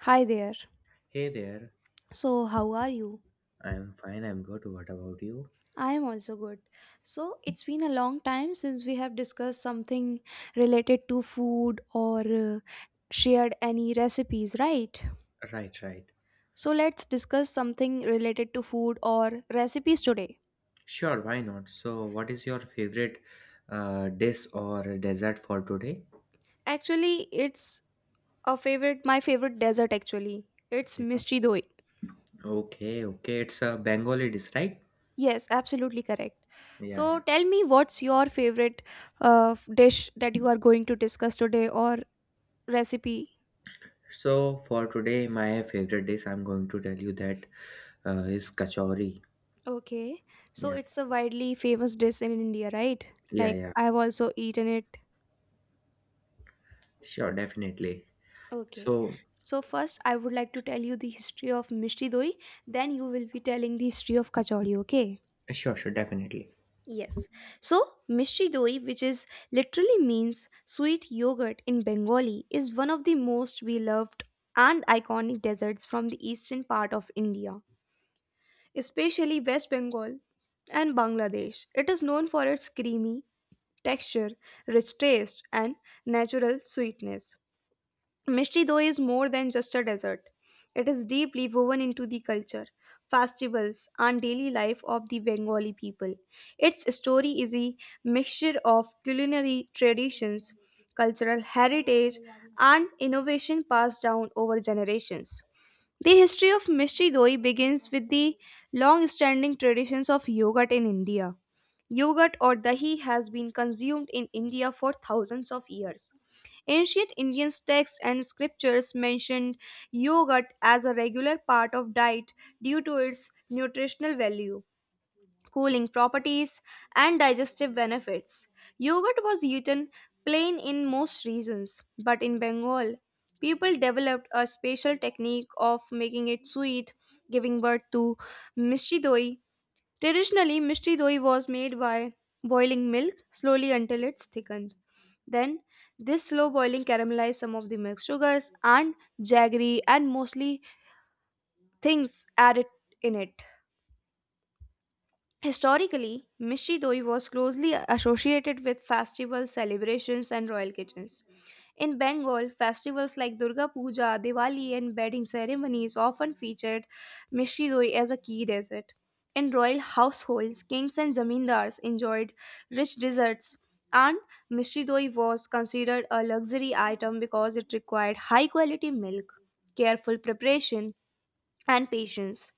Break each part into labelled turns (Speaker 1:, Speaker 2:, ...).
Speaker 1: Hi there.
Speaker 2: Hey there.
Speaker 1: So, how are you?
Speaker 2: I'm fine, I'm good. What about you?
Speaker 1: I am also good. So, it's been a long time since we have discussed something related to food or shared any recipes, right?
Speaker 2: Right, right.
Speaker 1: So, let's discuss something related to food or recipes today.
Speaker 2: Sure, why not? So, what is your favorite dish or dessert for today?
Speaker 1: Actually, it's my favorite dessert actually. It's
Speaker 2: Yeah.
Speaker 1: Mishti Doi.
Speaker 2: Okay, okay. It's a Bengali dish, right?
Speaker 1: Yes, absolutely correct.
Speaker 2: Yeah,
Speaker 1: So,
Speaker 2: yeah.
Speaker 1: tell me what's your favorite dish that you are going to discuss today or recipe.
Speaker 2: So, for today, my favorite dish, I'm going to tell you that is kachori.
Speaker 1: Okay. So
Speaker 2: Yeah,
Speaker 1: it's a widely famous dish in India, right?
Speaker 2: yeah,
Speaker 1: Like
Speaker 2: yeah.
Speaker 1: I've also eaten it.
Speaker 2: Sure, definitely.
Speaker 1: Okay.
Speaker 2: So,
Speaker 1: So first I would like to tell you the history of mishri doi, then you will be telling the history of kachori, okay?
Speaker 2: sure, sure, definitely.
Speaker 1: Yes. So mishri doi, which is literally means sweet yogurt in Bengali, is one of the most beloved and iconic desserts from the eastern part of India, especially West Bengal and Bangladesh. It is known for its creamy texture, rich taste, and natural sweetness. Mishti, though, is more than just a dessert. It is deeply woven into the culture, festivals, and daily life of the Bengali people. Its story is a mixture of culinary traditions, cultural heritage, and innovation passed down over generations. The history of mystery doi begins with the long standing traditions of yogurt in India. Yogurt or dahi has been consumed in India for thousands of years. Ancient Indian texts and scriptures mentioned yogurt as a regular part of diet due to its nutritional value, cooling properties, and digestive benefits. Yogurt was eaten plain in most regions, but in Bengal, people developed a special technique of making it sweet, giving birth to mishti doi. Traditionally, mishti doi was made by boiling milk slowly until it's thickened. Then, this slow boiling caramelized some of the milk sugars, and jaggery and mostly things added in it. Historically, Mishri doi was closely associated with festivals, celebrations, and royal kitchens. In Bengal, festivals like Durga Puja, Diwali, and wedding ceremonies often featured Mishri doi as a key dessert. In royal households, kings and zamindars enjoyed rich desserts, and Mishri doi was considered a luxury item because it required high quality milk, careful preparation, and patience.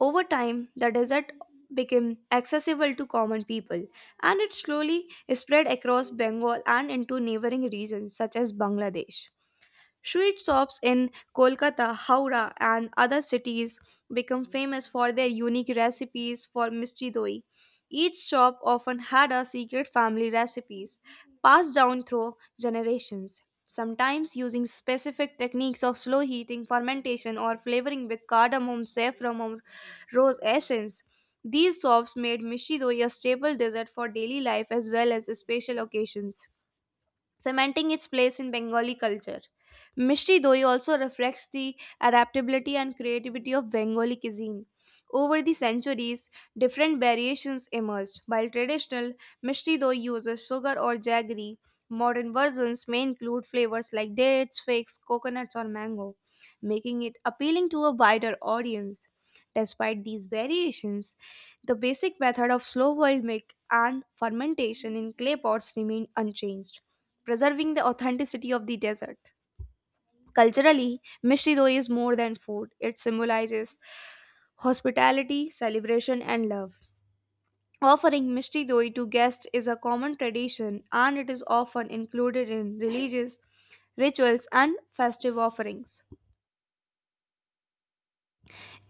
Speaker 1: Over time, the desert became accessible to common people and it slowly spread across Bengal and into neighboring regions such as Bangladesh. Street shops in Kolkata, Howrah, and other cities become famous for their unique recipes for mischi doi. Each shop often had a secret family recipes passed down through generations, sometimes using specific techniques of slow heating, fermentation, or flavoring with cardamom, saffron, or rose essence. These shops made mischi doi a staple dessert for daily life as well as special occasions, cementing its place in Bengali culture. Mishti Doi also reflects the adaptability and creativity of Bengali cuisine. Over the centuries, different variations emerged. While traditional Mishti Doi uses sugar or jaggery, modern versions may include flavors like dates, figs, coconuts, or mango, making it appealing to a wider audience. Despite these variations, the basic method of slow boiled milk and fermentation in clay pots remained unchanged, preserving the authenticity of the desert. Culturally, Mishri Doi is more than food, it symbolizes hospitality, celebration, and love. Offering Mishri Doi to guests is a common tradition and it is often included in religious rituals and festive offerings.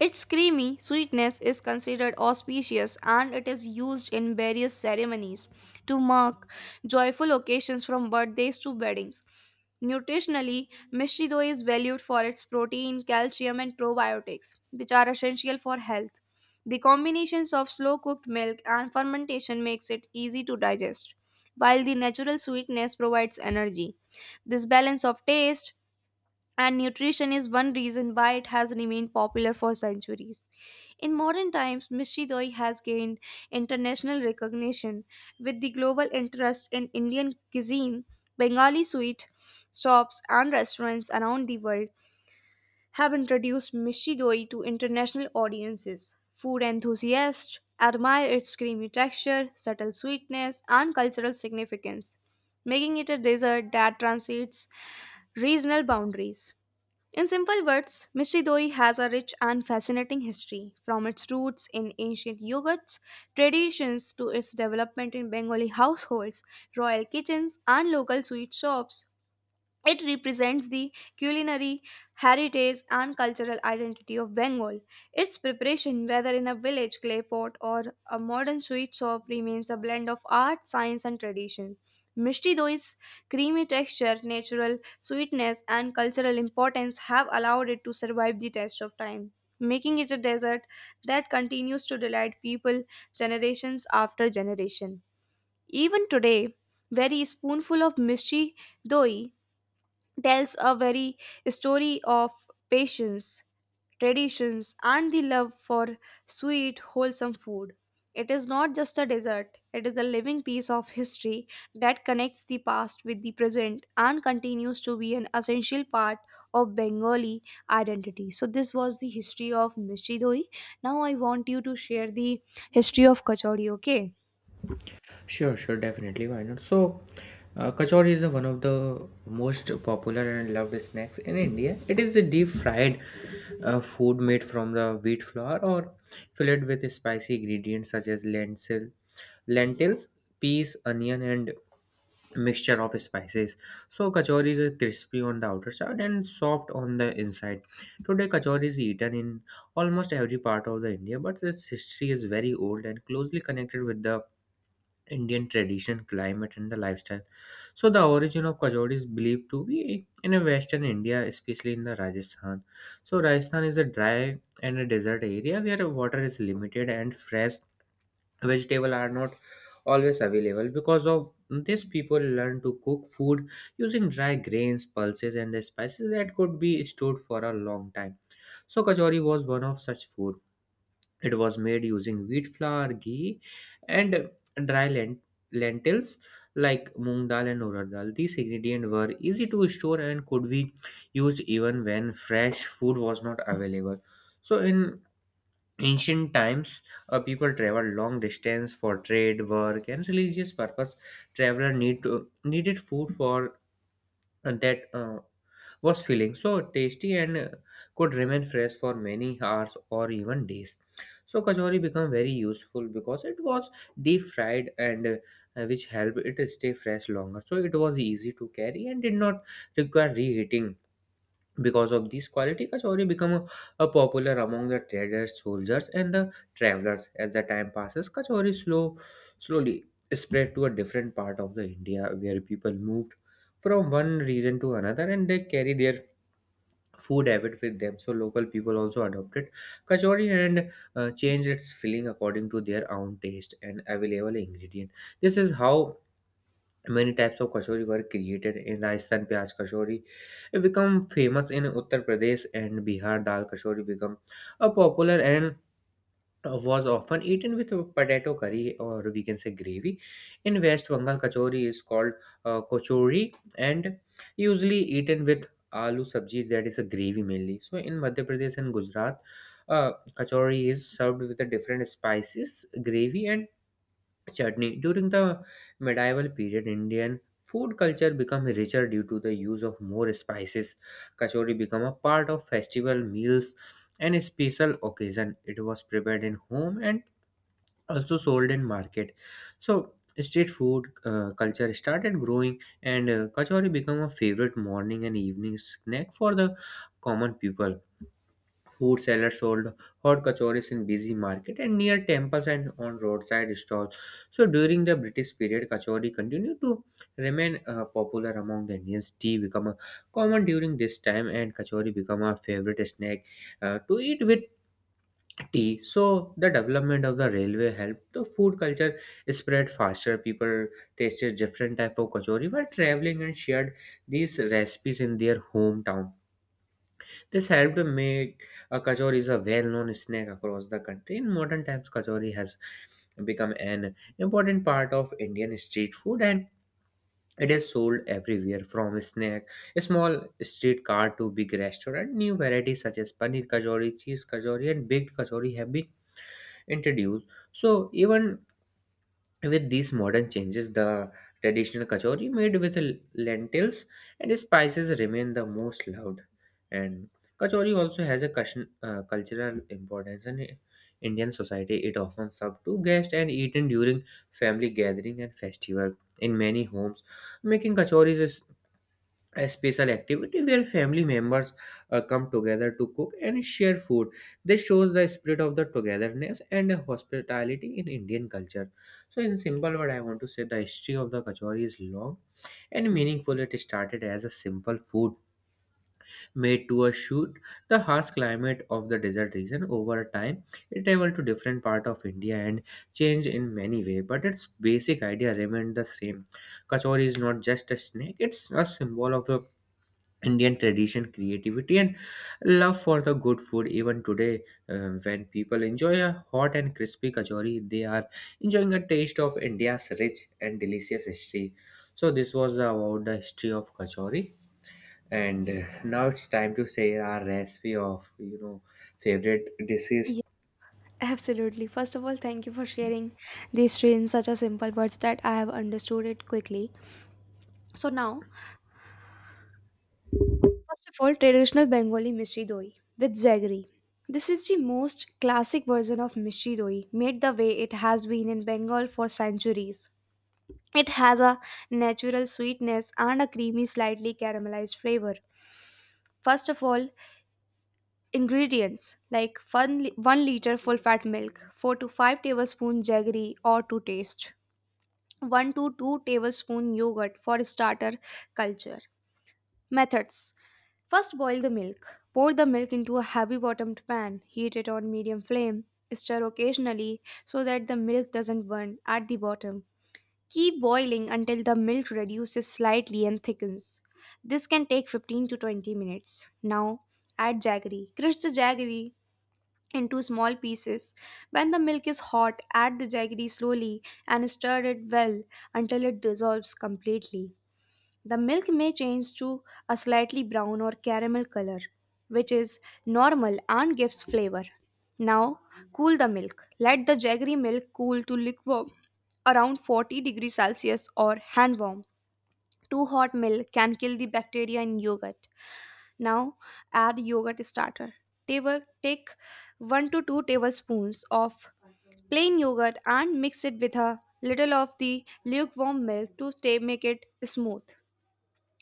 Speaker 1: Its creamy sweetness is considered auspicious and it is used in various ceremonies to mark joyful occasions from birthdays to weddings. Nutritionally, Mishri dough is valued for its protein, calcium, and probiotics, which are essential for health. The combinations of slow cooked milk and fermentation makes it easy to digest, while the natural sweetness provides energy. This balance of taste and nutrition is one reason why it has remained popular for centuries. In modern times, Mishri Doi has gained international recognition with the global interest in Indian cuisine. Bengali sweet shops and restaurants around the world have introduced Mishri Doi to international audiences. Food enthusiasts admire its creamy texture, subtle sweetness, and cultural significance, making it a dessert that transcends regional boundaries. In simple words, Mishri Doi has a rich and fascinating history, from its roots in ancient yogurts, traditions to its development in Bengali households, royal kitchens, and local sweet shops. It represents the culinary heritage and cultural identity of Bengal. Its preparation, whether in a village clay pot or a modern sweet shop, remains a blend of art, science, and tradition. Mishti doi's creamy texture, natural sweetness, and cultural importance have allowed it to survive the test of time, making it a dessert that continues to delight people generations after generation. Even today, very spoonful of mishti doi tells a very story of patience, traditions, and the love for sweet, wholesome food. It is not just a dessert, it is a living piece of history that connects the past with the present and continues to be an essential part of Bengali identity. So, this was the history of Mishri Doi. Now, I want you to share the history of Kachori, okay?
Speaker 2: Sure, sure, definitely. Why not? So, kachori is one of the most popular and loved snacks in India. It is a deep fried food made from the wheat flour or filled with spicy ingredients such as lentils, peas, onion, and mixture of spices. So, kachori is crispy on the outer side and soft on the inside. Today, kachori is eaten in almost every part of the India, but its history is very old and closely connected with the Indian tradition, climate, and the lifestyle. So, the origin of kajoli is believed to be in a western India, especially in the Rajasthan. So, Rajasthan is a dry and a desert area where water is limited and fresh vegetable are not always available. Because of this, people learn to cook food using dry grains, pulses, and the spices that could be stored for a long time. So, kachori was one of such food. It was made using wheat flour, ghee, and dry lentils like moong dal and urad dal. These ingredients were easy to store and could be used even when fresh food was not available. So, in ancient times, people traveled long distance for trade, work, and religious purpose. Needed food for and that was feeling so tasty and could remain fresh for many hours or even days. So kachori became very useful because it was deep fried and which helped it stay fresh longer. So it was easy to carry and did not require reheating because of this quality, a popular among the traders, soldiers, and the travelers. As the time passes, Kachori slowly spread to a different part of the India where people moved from one region to another, and they carry their food habit with them. So local people also adopted Kachori and changed its filling according to their own taste and available ingredient. This is how many types of kachori were created in Rajasthan. Pyaj kachori it become famous in Uttar Pradesh and Bihar. Dal kachori become a popular and was often eaten with potato curry or we can say gravy. In West Bengal, kachori is called kochori and usually eaten with aloo sabji that is a gravy mainly. So in Madhya Pradesh and Gujarat, uh, kachori is served with a different spices, gravy and chutney. During the medieval period, Indian food culture became richer due to the use of more spices. Kachori became a part of festival meals and special occasion. It was prepared in home and also sold in market. So street food culture started growing and kachori became a favorite morning and evening snack for the common people. Food sellers sold hot kachoris in busy market and near temples and on roadside stalls. So during the British period, kachori continued to remain popular among the Indians. Tea become a common during this time, and kachori become a favorite snack to eat with tea. So the development of the railway helped the food culture spread faster. People tasted different type of kachori while traveling and shared these recipes in their hometown. This helped make kachori is a well-known snack across the country. In modern times, kachori has become an important part of Indian street food and it is sold everywhere from snack, a small street cart to big restaurant. New varieties such as paneer kachori, cheese kachori and baked kachori have been introduced. So even with these modern changes, the traditional kachori made with lentils and spices remain the most loved. And kachori also has a cultural importance in Indian society. It often served to guests and eaten during family gathering and festival in many homes. Making kachoris is a special activity where family members come together to cook and share food. This shows the spirit of the togetherness and hospitality in Indian culture. So, in simple word, I want to say the history of the kachori is long and meaningful. It started as a simple food made to a shoot the harsh climate of the desert region. Over time, it traveled to different part of India and changed in many way, but its basic idea remained the same. Kachori is not just a snack; it's a symbol of a Indian tradition, creativity, and love for the good food. Even today, when people enjoy a hot and crispy kachori, they are enjoying a taste of India's rich and delicious history. So, this was about the history of kachori, and now it's time to share our recipe of favorite dishes.
Speaker 1: Absolutely. First of all, thank you for sharing these three in such a simple words that I have understood it quickly. So now, first of all, traditional Bengali mishri doi with jaggery. This is the most classic version of mishri doi, made the way it has been in Bengal for centuries. It has a natural sweetness and a creamy, slightly caramelized flavor. First of all, ingredients like 1 liter full fat milk, 4 to 5 tablespoons jaggery or to taste, 1 to 2 tablespoon yogurt for starter culture. Methods: first, boil the milk. Pour the milk into a heavy bottomed pan, heat it on medium flame, stir occasionally so that the milk doesn't burn at the bottom. Keep boiling until the milk reduces slightly and thickens. This can take 15 to 20 minutes. Now, add jaggery. Crush the jaggery into small pieces. When the milk is hot, add the jaggery slowly and stir it well until it dissolves completely. The milk may change to a slightly brown or caramel color, which is normal and gives flavor. Now, cool the milk. Let the jaggery milk cool to lukewarm, around 40 degrees Celsius or hand warm. Too hot milk can kill the bacteria in yogurt. Now, add yogurt starter. Take 1 to 2 tablespoons of plain yogurt and mix it with a little of the lukewarm milk make it smooth.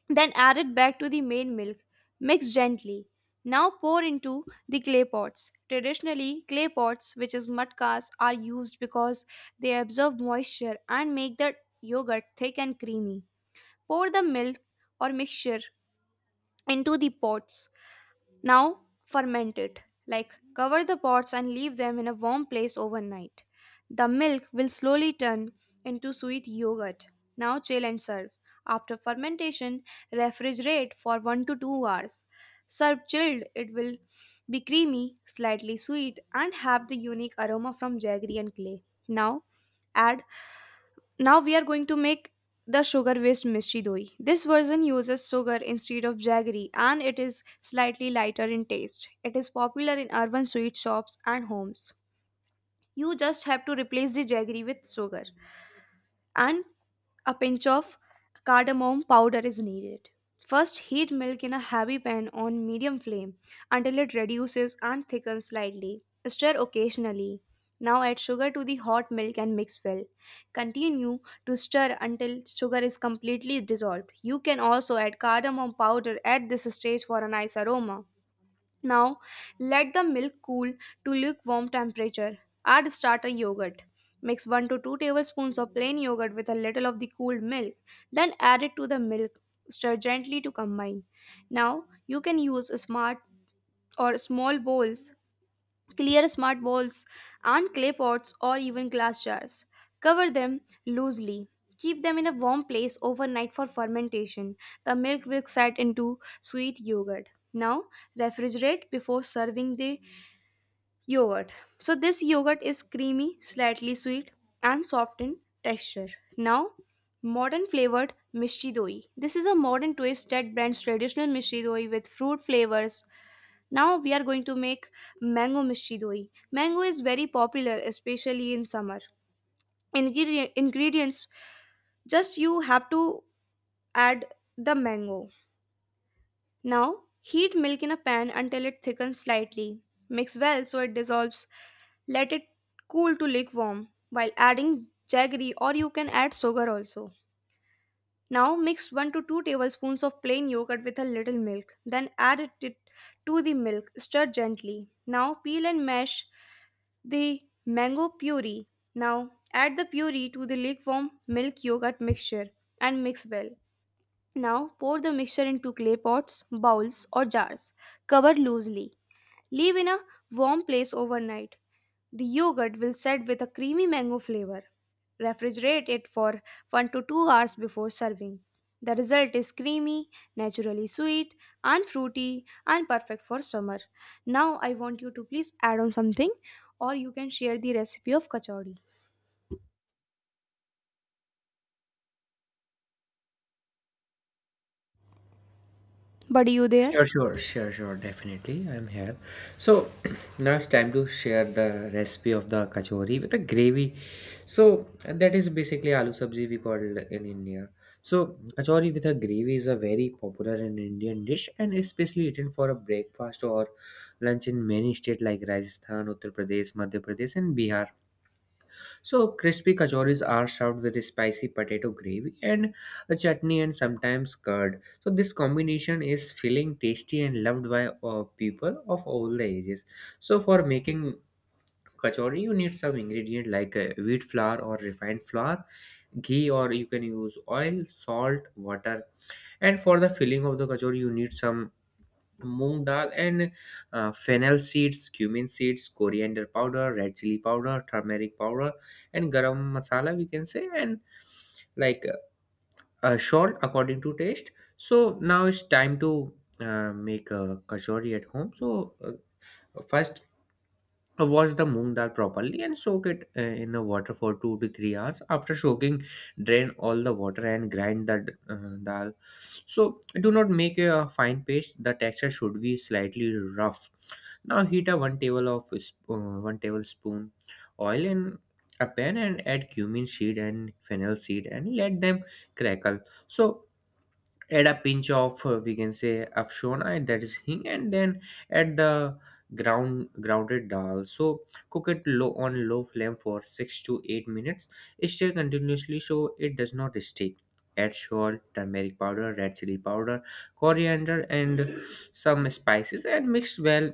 Speaker 1: Then add it back to the main milk. Mix gently. Now, pour into the clay pots. Traditionally, clay pots, which is mudkas, are used because they absorb moisture and make the yogurt thick and creamy. Pour the milk or mixture into the pots. Now, ferment it, like cover the pots and leave them in a warm place overnight. The milk will slowly turn into sweet yogurt. Now, chill and serve. After fermentation, refrigerate for 1 to 2 hours. Serve chilled, it will be creamy, slightly sweet, and have the unique aroma from jaggery and clay. Now, add now we are going to make the sugar waste mystery doi. This version uses sugar instead of jaggery and it is slightly lighter in taste. It is popular in urban sweet shops and homes. You just have to replace the jaggery with sugar, and a pinch of cardamom powder is needed. First, heat milk in a heavy pan on medium flame until it reduces and thickens slightly. Stir occasionally. Now, add sugar to the hot milk and mix well. Continue to stir until sugar is completely dissolved. You can also add cardamom powder at this stage for a nice aroma. Now, let the milk cool to lukewarm temperature. Add starter yogurt. Mix 1 to 2 tablespoons of plain yogurt with a little of the cooled milk, then add it to the milk. Stir gently to combine. Now, you can use smart or small bowls. Clear smart bowls and clay pots or even glass jars. Cover them loosely. Keep them in a warm place overnight for fermentation. The milk will set into sweet yogurt. Now, refrigerate before serving the yogurt. So, this yogurt is creamy, slightly sweet, and soft in texture. Now, modern flavored mishti doi. This is a modern twist that blends traditional mishti doi with fruit flavors. Now we are going to make mango mishti doi. Mango is very popular, especially in summer. Ingredients, just you have to add the mango. Now, heat milk in a pan until it thickens slightly. Mix well so it dissolves. Let it cool to lukewarm while adding jaggery, or you can add sugar also. Now, mix 1 to 2 tablespoons of plain yogurt with a little milk. Then add it to the milk. Stir gently. Now, peel and mash the mango puree. Now, add the puree to the lukewarm milk yogurt mixture and mix well. Now, pour the mixture into clay pots, bowls, or jars. Cover loosely. Leave in a warm place overnight. The yogurt will set with a creamy mango flavor. Refrigerate it for 1 to 2 hours before serving. The result is creamy, naturally sweet, and fruity, and perfect for summer. Now, I want you to please add on something, or you can share the recipe of kachori. Buddy, you there?
Speaker 2: Sure, sure, sure, sure, definitely. I'm here. So now it's time to share the recipe of the kachori with the gravy. So that is basically aloo sabzi we call it in India. So kachori with a gravy is a very popular and Indian dish and especially eaten for a breakfast or lunch in many states like Rajasthan, Uttar Pradesh, Madhya Pradesh, and Bihar. So crispy kachoris are served with spicy potato gravy and a chutney and sometimes curd. So this combination is filling, tasty, and loved by people of all the ages. So for making kachori, you need some ingredient like wheat flour or refined flour, ghee, or you can use oil, salt, water. And for the filling of the kachori, you need some moong dal and fennel seeds, cumin seeds, coriander powder, red chili powder, turmeric powder and garam masala we can say, and like salt according to taste. So now it's time to make a kachori at home. So first, wash the moong dal properly and soak it in a water for 2 to 3 hours. After soaking, drain all the water and grind the dal. So do not make a fine paste, the texture should be slightly rough. Now heat a 1 tablespoon oil in a pan and add cumin seed and fennel seed and let them crackle. So add a pinch of we can say afshona that is hing, and then add the grounded dal. So cook it low on low flame for 6 to 8 minutes, stir continuously so it does not stick. Add salt, turmeric powder, red chili powder, coriander and some spices and mix well,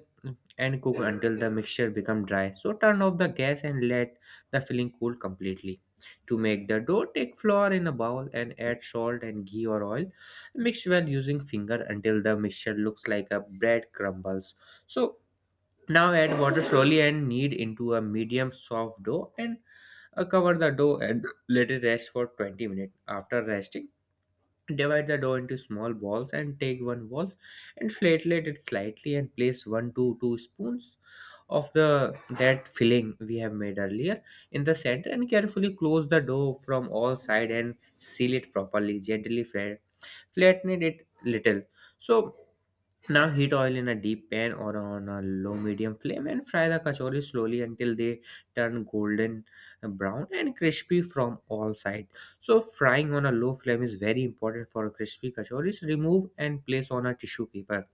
Speaker 2: and cook until the mixture become dry. So turn off the gas and let the filling cool completely. To make the dough, take flour in a bowl and add salt and ghee or oil. Mix well using finger until the mixture looks like a bread crumbles. So now add water slowly and knead into a medium soft dough and cover the dough and let it rest for 20 minutes. After resting, divide the dough into small balls and take one ball and flatlet it slightly and place one to two spoons of the that filling we have made earlier in the center and carefully close the dough from all side and seal it properly, gently fry, flatten it little. So now heat oil in a deep pan or on a low medium flame and fry the kachori slowly until they turn golden brown and crispy from all sides. So frying on a low flame is very important for crispy kachoris. Remove and place on a tissue paper.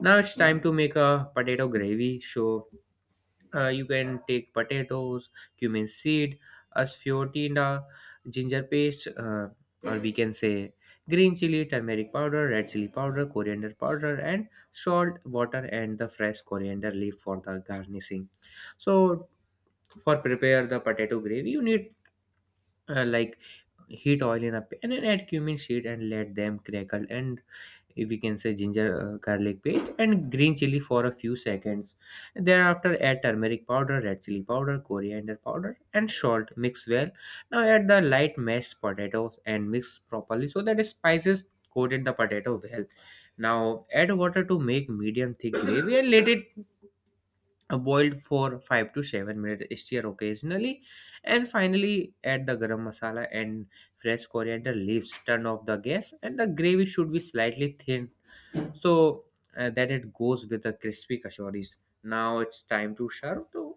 Speaker 2: Now it's time to make a potato gravy. So you can take potatoes, cumin seed, asfiotina, ginger paste, or we can say green chili, turmeric powder, red chili powder, coriander powder, and salt, water, and the fresh coriander leaf for the garnishing. So, for prepare the potato gravy, you need like heat oil in a pan and add cumin seed and let them crackle, and if we can say ginger garlic paste and green chili for a few seconds. Thereafter add turmeric powder, red chili powder, coriander powder and salt, mix well. Now add the light mashed potatoes and mix properly so that spices coated the potato well. Now add water to make medium thick gravy and let it boil for 5 to 7 minutes, stir occasionally, and finally add the garam masala and fresh coriander leaves, turn off the gas and the gravy should be slightly thin, so that it goes with the crispy kachoris. Now it's time to serve too.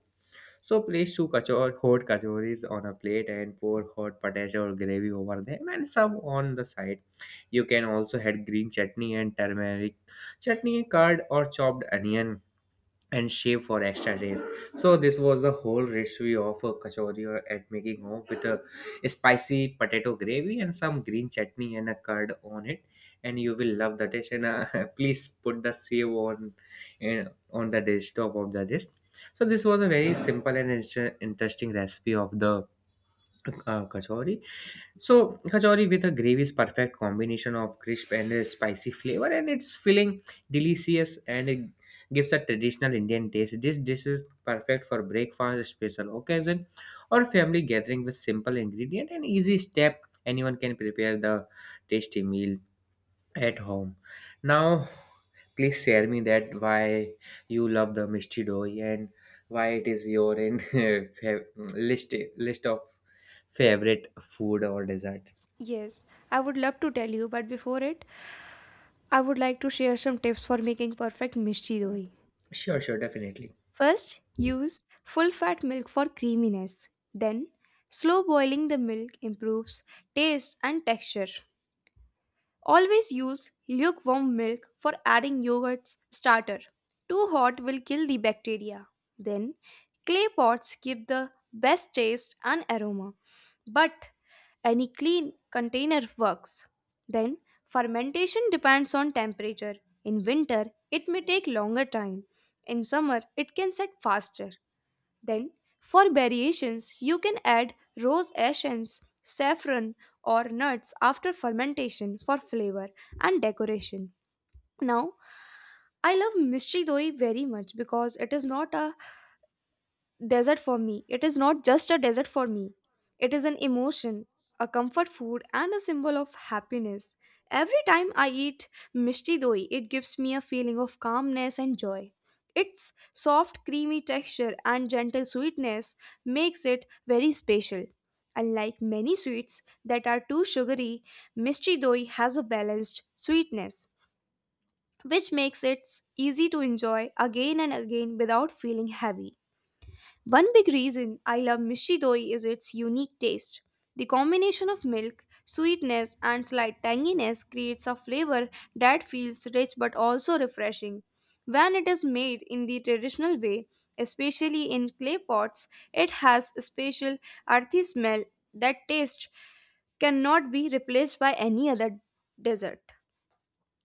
Speaker 2: So place two hot kachoris on a plate and pour hot potato or gravy over them and serve on the side. You can also add green chutney and turmeric chutney, curd or chopped onion and shave for extra days. So this was the whole recipe of a kachori or at making home with a spicy potato gravy and some green chutney and a curd on it, and you will love the dish. And please put the save on you on the dish top of the dish. So this was a very simple and interesting recipe of the kachori so kachori with a gravy is perfect combination of crisp and a spicy flavor, and it's filling, delicious, and it gives a traditional Indian taste. This dish is perfect for breakfast, special occasion, or family gathering with simple ingredient and easy step. Anyone can prepare the tasty meal at home. Now, please share me that why you love the misty dough and why it is your in list of favorite food or dessert.
Speaker 1: Yes, I would love to tell you, but before it, I would like to share some tips for making perfect mishti doi.
Speaker 2: Sure, sure, definitely.
Speaker 1: First, use full fat milk for creaminess. Then, slow boiling the milk improves taste and texture. Always use lukewarm milk for adding yogurt's starter. Too hot will kill the bacteria. Then, clay pots give the best taste and aroma, but any clean container works. Then, fermentation depends on temperature. In winter, it may take longer time. In summer, it can set faster. Then, for variations, you can add rose essence, saffron, or nuts after fermentation for flavor and decoration. Now, I love mystery doi very much because it is not a desert for me. It is not just a desert for me, it is an emotion, a comfort food, and a symbol of happiness. Every time I eat mishti doi, it gives me a feeling of calmness and joy. Its soft, creamy texture and gentle sweetness makes it very special. Unlike many sweets that are too sugary, mishti doi has a balanced sweetness, which makes it easy to enjoy again and again without feeling heavy. One big reason I love mishi doi is its unique taste. The combination of milk, sweetness, and slight tanginess creates a flavor that feels rich but also refreshing. When it is made in the traditional way, especially in clay pots, it has a special earthy smell that taste cannot be replaced by any other dessert.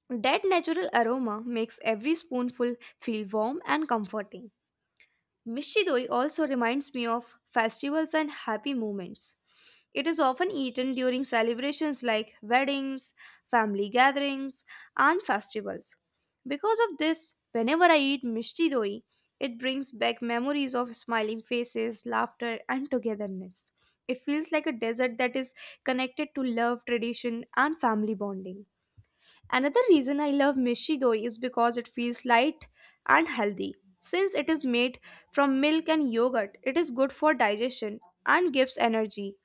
Speaker 1: That natural aroma makes every spoonful feel warm and comforting. Mishidoi also reminds me of festivals and happy moments. It is often eaten during celebrations like weddings, family gatherings, and festivals. Because of this, whenever I eat mishidoi, it brings back memories of smiling faces, laughter, and togetherness. It feels like a dessert that is connected to love, tradition, and family bonding. Another reason I love mishi doi is because it feels light and healthy. Since it is made from milk and yogurt, it is good for digestion and gives energy.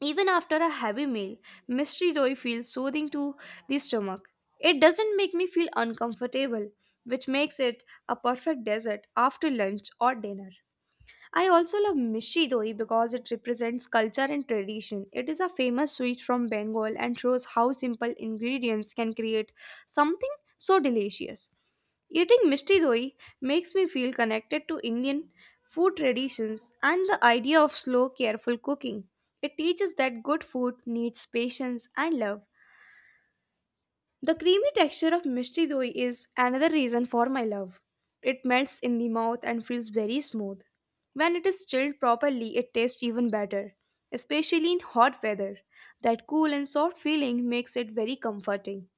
Speaker 1: Even after a heavy meal, mishi doi feels soothing to the stomach. It doesn't make me feel uncomfortable, which makes it a perfect dessert after lunch or dinner. I also love Mishi Doi because it represents culture and tradition. It is a famous sweet from Bengal and shows how simple ingredients can create something so delicious. Eating Mishi Doi makes me feel connected to Indian food traditions and the idea of slow, careful cooking. It teaches that good food needs patience and love. The creamy texture of mishti doi is another reason for my love. It melts in the mouth and feels very smooth. When it is chilled properly, it tastes even better, especially in hot weather. That cool and soft feeling makes it very comforting.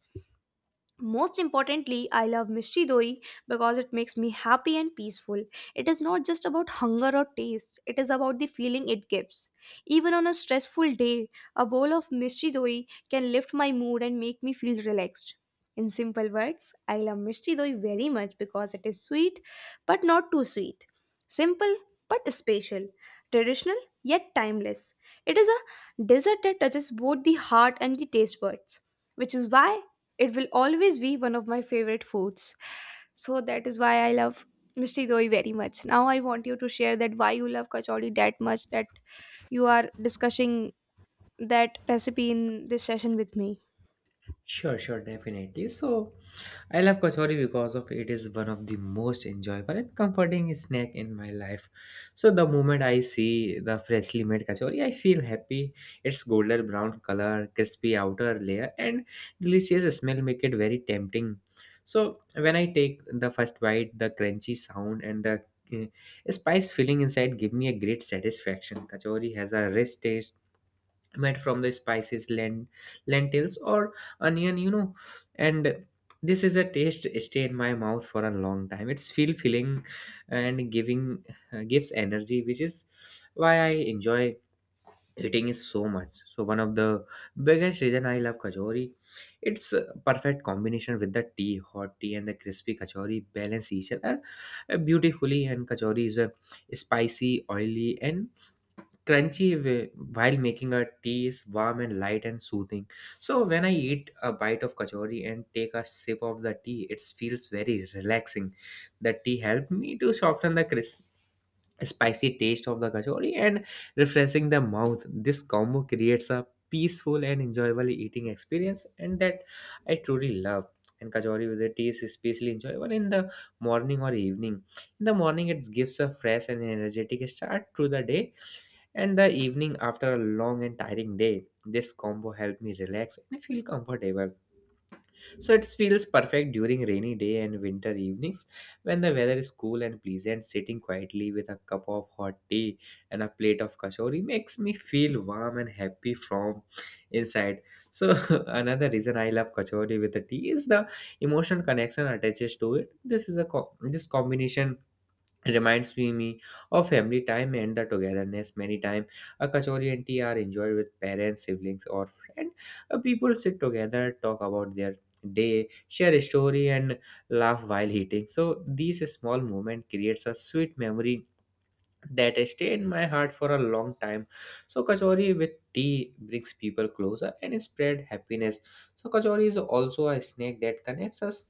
Speaker 1: Most importantly, I love Mishri Doi because it makes me happy and peaceful. It is not just about hunger or taste, it is about the feeling it gives. Even on a stressful day, a bowl of Mishri Doi can lift my mood and make me feel relaxed. In simple words, I love Mishri Doi very much because it is sweet but not too sweet. Simple but special. Traditional yet timeless. It is a dessert that touches both the heart and the taste buds which is why it will always be one of my favorite foods. So that is why I love Mishti Doi very much. Now I want you to share that why you love kachori that much that you are discussing that recipe in this session with me.
Speaker 2: Sure, sure, definitely. So, I love kachori because of it is one of the most enjoyable and comforting snack in my life. So, the moment I see the freshly made kachori, I feel happy. Its golden brown color, crispy outer layer, and delicious smell make it very tempting. So, when I take the first bite, the crunchy sound and the uh, spice filling inside give me a great satisfaction. Kachori has a rich taste made from the spices lentils or onion, you know, and this is a taste stay in my mouth for a long time, it's feel filling and giving gives energy, which is why I enjoy eating it so much. So one of the biggest reason I love kachori, it's a perfect combination with the tea. Hot tea and the crispy kachori balance each other beautifully, and kachori is a spicy, oily and crunchy, while making a tea is warm and light and soothing. So when I eat a bite of kachori and take a sip of the tea, it feels very relaxing. The tea helped me to soften the spicy taste of the kachori and refreshing the mouth. This combo creates a peaceful and enjoyable eating experience, and that I truly love. And kachori with the tea is especially enjoyable in the morning or evening. In the morning, it gives a fresh and energetic start to the day, and the evening after a long and tiring day. This combo helped me relax and feel comfortable, so it feels perfect during rainy day and winter evenings when the weather is cool and pleasant. Sitting quietly with a cup of hot tea and a plate of kachori makes me feel warm and happy from inside. So another reason I love kachori with the tea is the emotional connection attaches to it. This is a co- This combination reminds me of family time and the togetherness. Many time a kachori and tea are enjoyed with parents, siblings or friend. People sit together, talk about their day, share a story and laugh while eating, so these small moment creates a sweet memory that stay in my heart for a long time. So kachori with tea brings people closer and spread happiness. So kachori is also a snack that connects us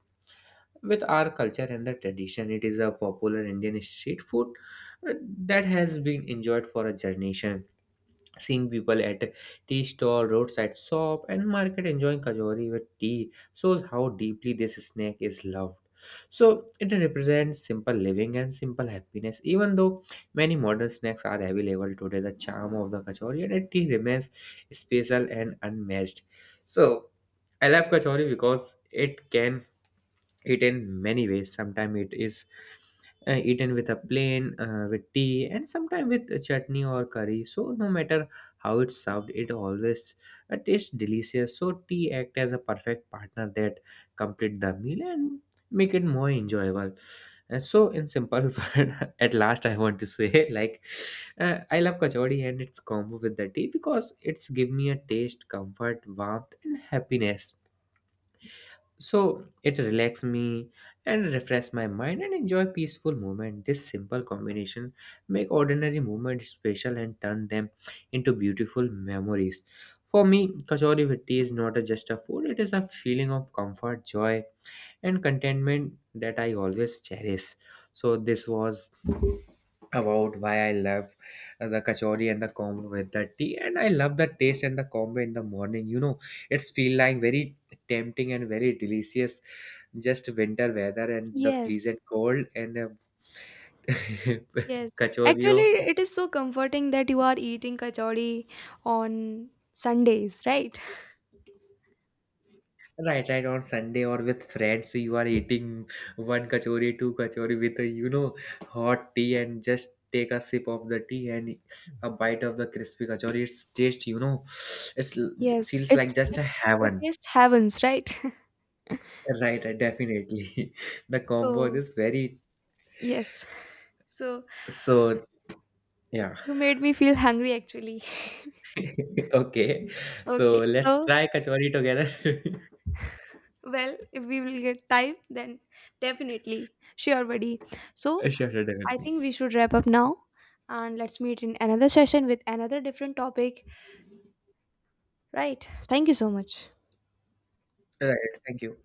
Speaker 2: with our culture and the tradition. It is a popular Indian street food uh, that has been enjoyed for a generation. Seeing people at tea stall, roadside shop and market enjoying kajori with tea shows how deeply this snack is loved. So it represents simple living and simple happiness. Even though many modern snacks are available today, the charm of the kachori and it tea remains special and unmatched. So I love kachori because it can eaten many ways. Sometimes it is eaten with a plain with tea, and sometimes with a chutney or curry. So no matter how it's served, it always tastes delicious. So tea act as a perfect partner that complete the meal and make it more enjoyable. And so in simple word at last I want to say I love kachori and its combo with the tea because it's give me a taste, comfort, warmth and happiness. So it relax me and refresh my mind and enjoy peaceful movement. This simple combination make ordinary movements special and turn them into beautiful memories. For me, kachori with is not a- just a food; it is a feeling of comfort, joy, and contentment that I always cherish. So this was about why I love the kachori and the combo with the tea, and I love the taste and the combo in the morning. You know, it's feel like very tempting and very delicious. Just winter weather and the
Speaker 1: Yes,
Speaker 2: pleasant cold and
Speaker 1: yes.
Speaker 2: kachori
Speaker 1: Actually,
Speaker 2: of.
Speaker 1: it is so comforting that you are eating kachori on Sundays, right?
Speaker 2: Right, right. On Sunday or with friends, you are eating one kachori, two kachori with a, you know, hot tea and just take a sip of the tea and a bite of the crispy kachori. It's just, you know, it's l-
Speaker 1: Yes,
Speaker 2: feels
Speaker 1: it's
Speaker 2: like just
Speaker 1: it,
Speaker 2: a
Speaker 1: it
Speaker 2: heaven.
Speaker 1: tastes heavens, right?
Speaker 2: Right, right, definitely. The combo
Speaker 1: So
Speaker 2: is very
Speaker 1: yes, so
Speaker 2: so yeah.
Speaker 1: you made me feel hungry actually.
Speaker 2: Okay, so
Speaker 1: Okay,
Speaker 2: let's
Speaker 1: so
Speaker 2: try kachori together.
Speaker 1: well, if we will get time, then definitely. Sure, buddy. So,
Speaker 2: Sure, sure,
Speaker 1: I
Speaker 2: definitely.
Speaker 1: think we should wrap up now and let's meet in another session with another different topic. Right. Thank you so much.
Speaker 2: Right, thank you.